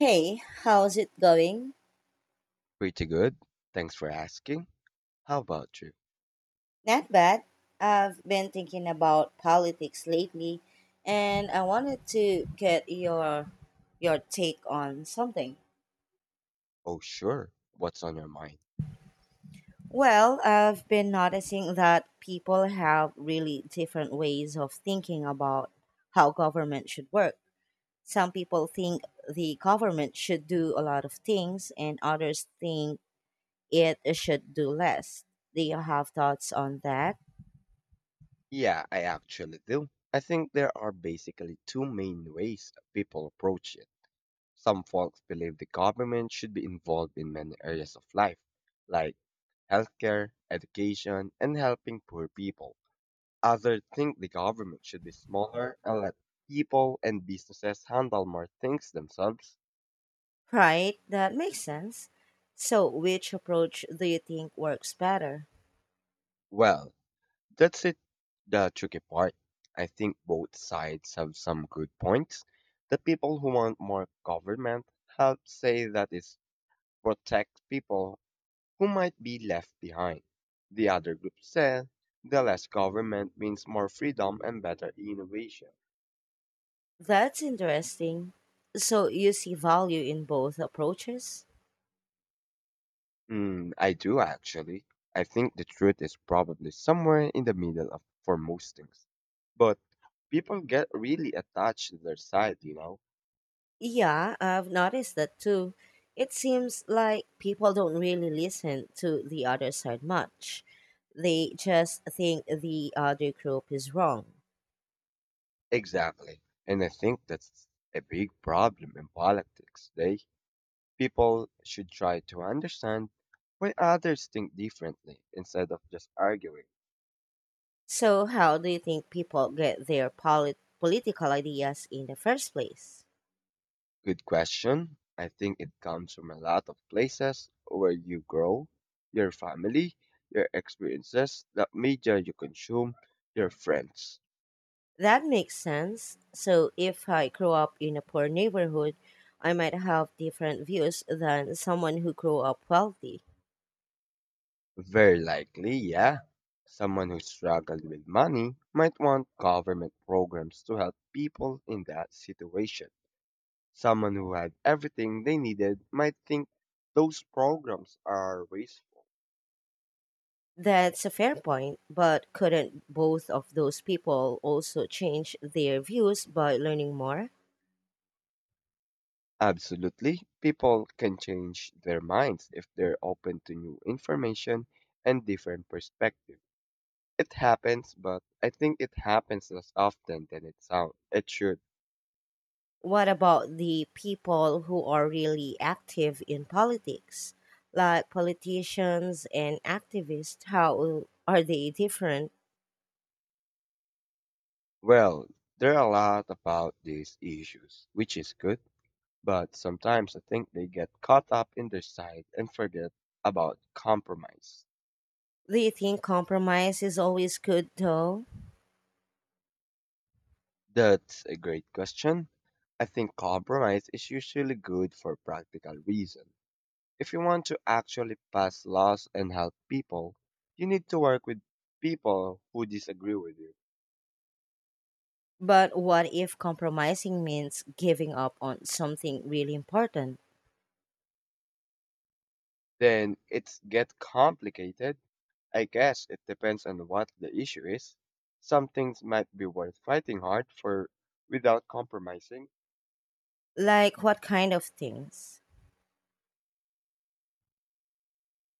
Hey, how's it going? Pretty good. Thanks for asking. How about you? Not bad. I've been thinking about politics lately and I wanted to get your take on something. Oh, sure. What's on your mind? Well, I've been noticing that people have really different ways of thinking about how government should work. Some people think the government should do a lot of things and others think it should do less. Do you have thoughts on that? Yeah, I actually do. I think there are basically two main ways that people approach it. Some folks believe the government should be involved in many areas of life, like healthcare, education, and helping poor people. Others think the government should be smaller and let people and businesses handle more things themselves. Right, that makes sense. So, which approach do you think works better? Well, that's it, the tricky part. I think both sides have some good points. The people who want more government help say that it protects people who might be left behind. The other group said the less government means more freedom and better innovation. That's interesting. So, you see value in both approaches? Hmm, I do actually. I think the truth is probably somewhere in the middle of for most things. But people get really attached to their side. Yeah, I've noticed that too. It seems like people don't really listen to the other side much. They just think the other group is wrong. Exactly. And I think that's a big problem in politics today. People should try to understand why others think differently instead of just arguing. So, how do you think people get their political ideas in the first place? Good question. I think it comes from a lot of places where you grow, your family, your experiences, the media you consume, your friends. That makes sense. So if I grow up in a poor neighborhood, I might have different views than someone who grew up wealthy. Very likely, yeah. Someone who struggled with money might want government programs to help people in that situation. Someone who had everything they needed might think those programs are wasteful. That's a fair point, but couldn't both of those people also change their views by learning more? Absolutely, people can change their minds if they're open to new information and different perspectives. It happens, but I think it happens less often than it sounds. It should. What about the people who are really active in politics, like politicians and activists? How are they different? Well, there are a lot about these issues, which is good, but sometimes I think they get caught up in their side and forget about compromise. Do you think compromise is always good, though? That's a great question. I think compromise is usually good for practical reason. If you want to actually pass laws and help people, you need to work with people who disagree with you. But what if compromising means giving up on something really important? Then it's get complicated. I guess it depends on what the issue is. Some things might be worth fighting hard for without compromising. Like what kind of things?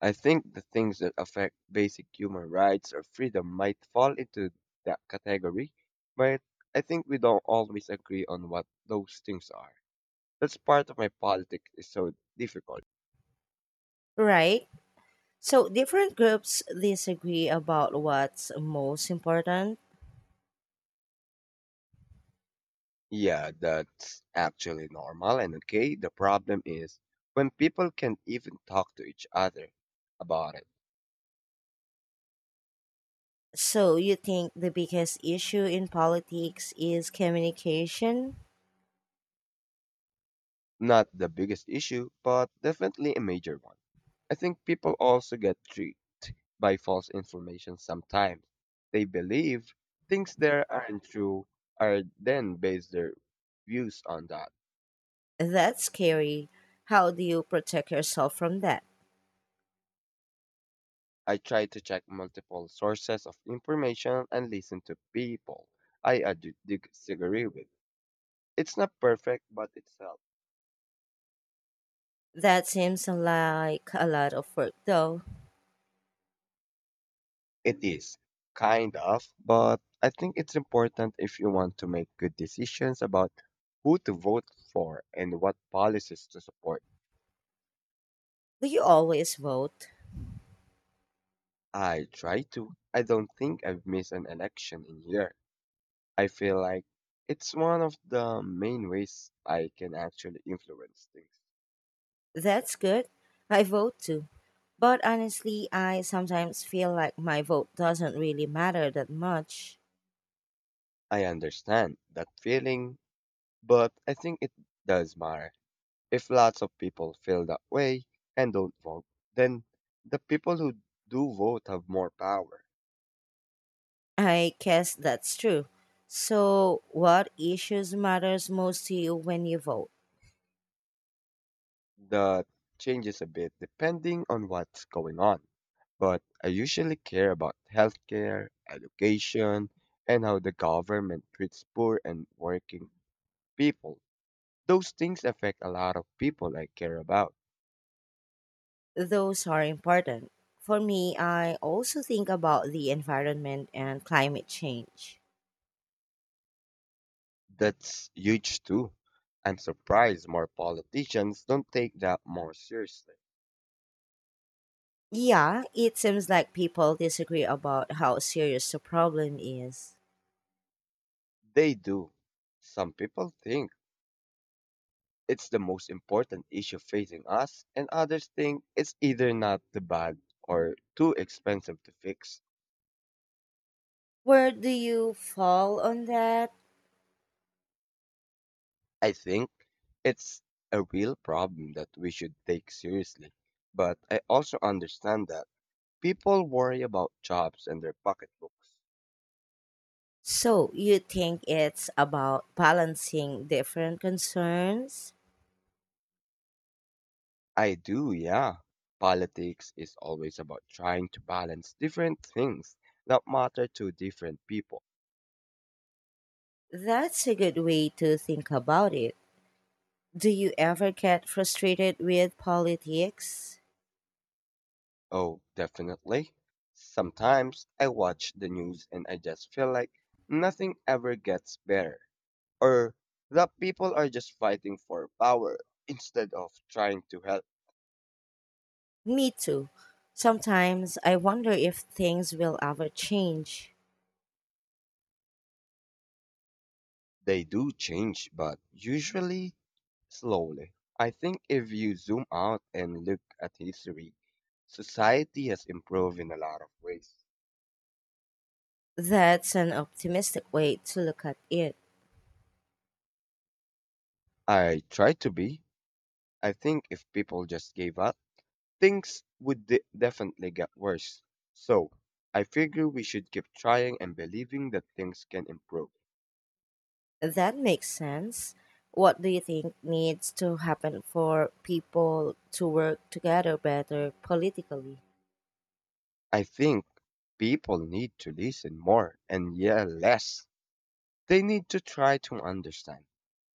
I think the things that affect basic human rights or freedom might fall into that category, but I think we don't always agree on what those things are. That's part of my politics is so difficult. Right? So different groups disagree about what's most important. Yeah, that's actually normal and okay. The problem is when people can't even talk to each other about it. So you think the biggest issue in politics is communication? Not the biggest issue, but definitely a major one. I think people also get tricked by false information sometimes. They believe things there aren't true are then base their views on that. That's scary. How do you protect yourself from that? I try to check multiple sources of information and listen to people disagree with. It's not perfect, but it's help. That seems like a lot of work though. It is kind of, but I think it's important if you want to make good decisions about who to vote for and what policies to support. Do you always vote? I try to. I don't think I've missed an election in here. I feel like it's one of the main ways I can actually influence things. That's good. I vote too. But honestly, I sometimes feel like my vote doesn't really matter that much. I understand that feeling, but I think it does matter. If lots of people feel that way and don't vote, then the people who do vote have more power. I guess that's true. So, what issues matters most to you when you vote? That changes a bit depending on what's going on, but I usually care about healthcare, education, and how the government treats poor and working people. Those things affect a lot of people I care about. Those are important. For me, I also think about the environment and climate change. That's huge too. I'm surprised more politicians don't take that more seriously. Yeah, it seems like people disagree about how serious the problem is. They do. Some people think it's the most important issue facing us, and others think it's either not the bad or too expensive to fix. Where do you fall on that? I think it's a real problem that we should take seriously, but I also understand that people worry about jobs and their pocketbooks. So, you think it's about balancing different concerns? I do, yeah. Politics is always about trying to balance different things that matter to different people. That's a good way to think about it. Do you ever get frustrated with politics? Oh, definitely. Sometimes I watch the news and I just feel like nothing ever gets better, or that people are just fighting for power instead of trying to help. Me too. Sometimes I wonder if things will ever change. They do change, but usually slowly. I think if you zoom out and look at history, society has improved in a lot of ways. That's an optimistic way to look at it. I try to be. I think if people just gave up, things would definitely get worse. So, I figure we should keep trying and believing that things can improve. That makes sense. What do you think needs to happen for people to work together better politically? I think people need to listen more and yell less. They need to try to understand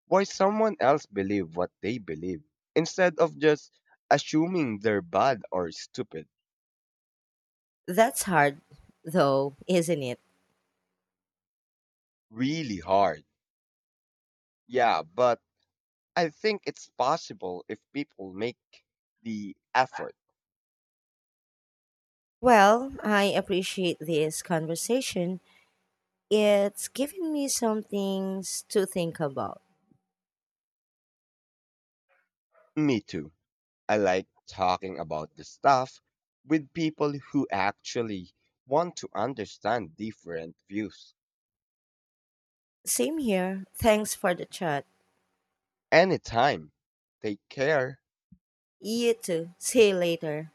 why someone else believe what they believe instead of just assuming they're bad or stupid. That's hard, though, isn't it? Really hard, yeah, but I think it's possible if people make the effort. Well, I appreciate this conversation. It's given me some things to think about. Me too. I like talking about the stuff with people who actually want to understand different views. Same here. Thanks for the chat. Anytime. Take care. You too. See you later.